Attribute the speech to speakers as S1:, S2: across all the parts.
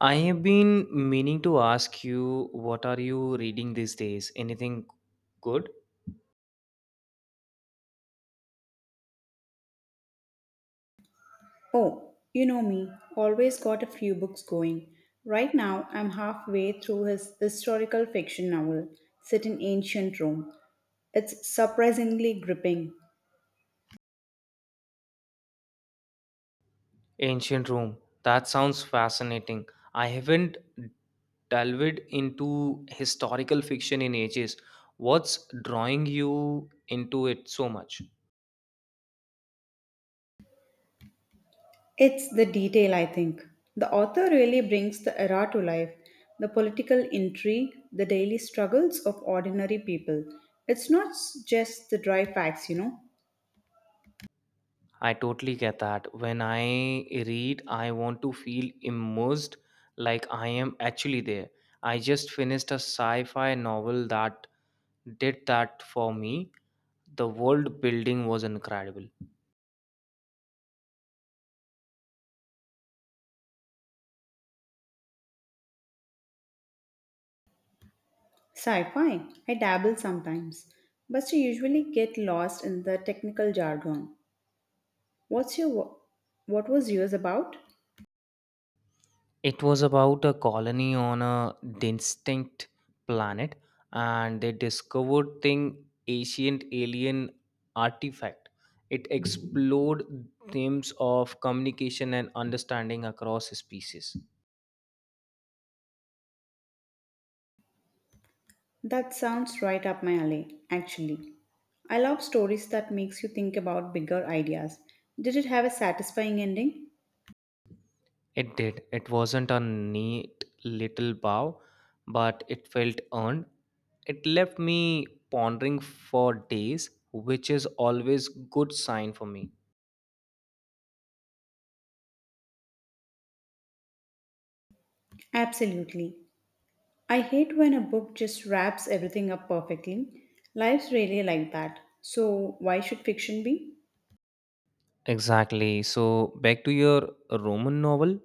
S1: I have been meaning to ask you, what are you reading these days? Anything good?
S2: Oh, you know me, always got a few books going. Right now, I'm halfway through his historical fiction novel, set in ancient Rome. It's surprisingly gripping.
S1: Ancient Rome. That sounds fascinating. I haven't delved into historical fiction in ages. What's drawing you into it so much?
S2: It's the detail, I think. The author really brings the era to life: the political intrigue, the daily struggles of ordinary people. It's not just the dry facts, you know.
S1: I totally get that. When I read, I want to feel immersed, like I am actually there. I just finished a sci fi novel that did that for me. The world building was incredible.
S2: Sci fi, I dabble sometimes, but I usually get lost in the technical jargon. What's your wo- what was yours about?
S1: It was about a colony on a distinct planet, and they discovered thing ancient alien artifact. It explored themes of communication and understanding across species.
S2: That sounds right up my alley, actually. I love stories that makes you think about bigger ideas. Did it have a satisfying ending?
S1: It did. It wasn't a neat little bow, but it felt earned. It left me pondering for days, which is always good sign for me.
S2: Absolutely. I hate when a book just wraps everything up perfectly. Life's really like that. So why should fiction be?
S1: Exactly. So back to your Roman novel,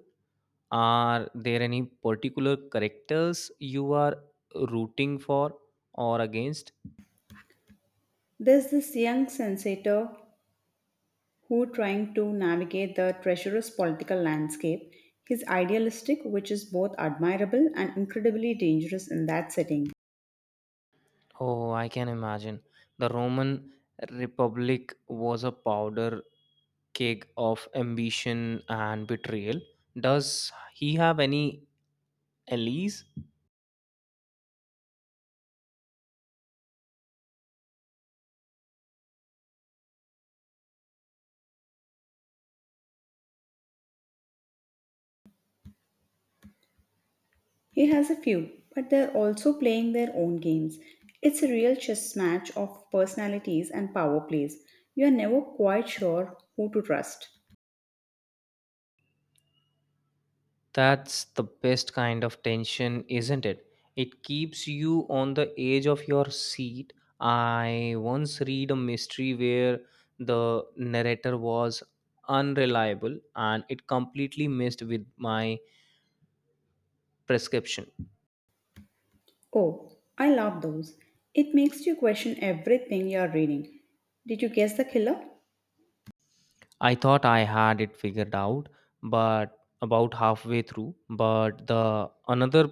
S1: are there any particular characters you are rooting for or against?
S2: There's this young senator who trying to navigate the treacherous political landscape. He's idealistic, which is both admirable and incredibly dangerous in that setting.
S1: Oh, I can imagine. The Roman Republic was a powder keg of ambition and betrayal. Does he have any allies?
S2: He has a few, but they're also playing their own games. It's a real chess match of personalities and power plays. You're never quite sure who to trust.
S1: That's the best kind of tension, isn't it? It keeps you on the edge of your seat. I once read a mystery where the narrator was unreliable and it completely messed with my prescription.
S2: Oh, I love those. It makes you question everything you're reading. Did you guess the killer?
S1: I thought I had it figured out, but about halfway through, but the another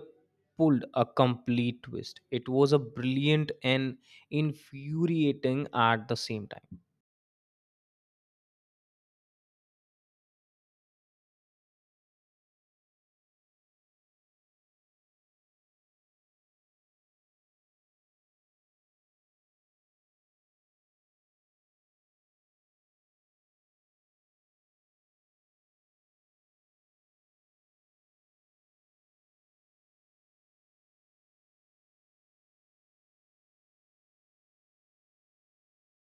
S1: pulled a complete twist. It was a brilliant and infuriating at the same time.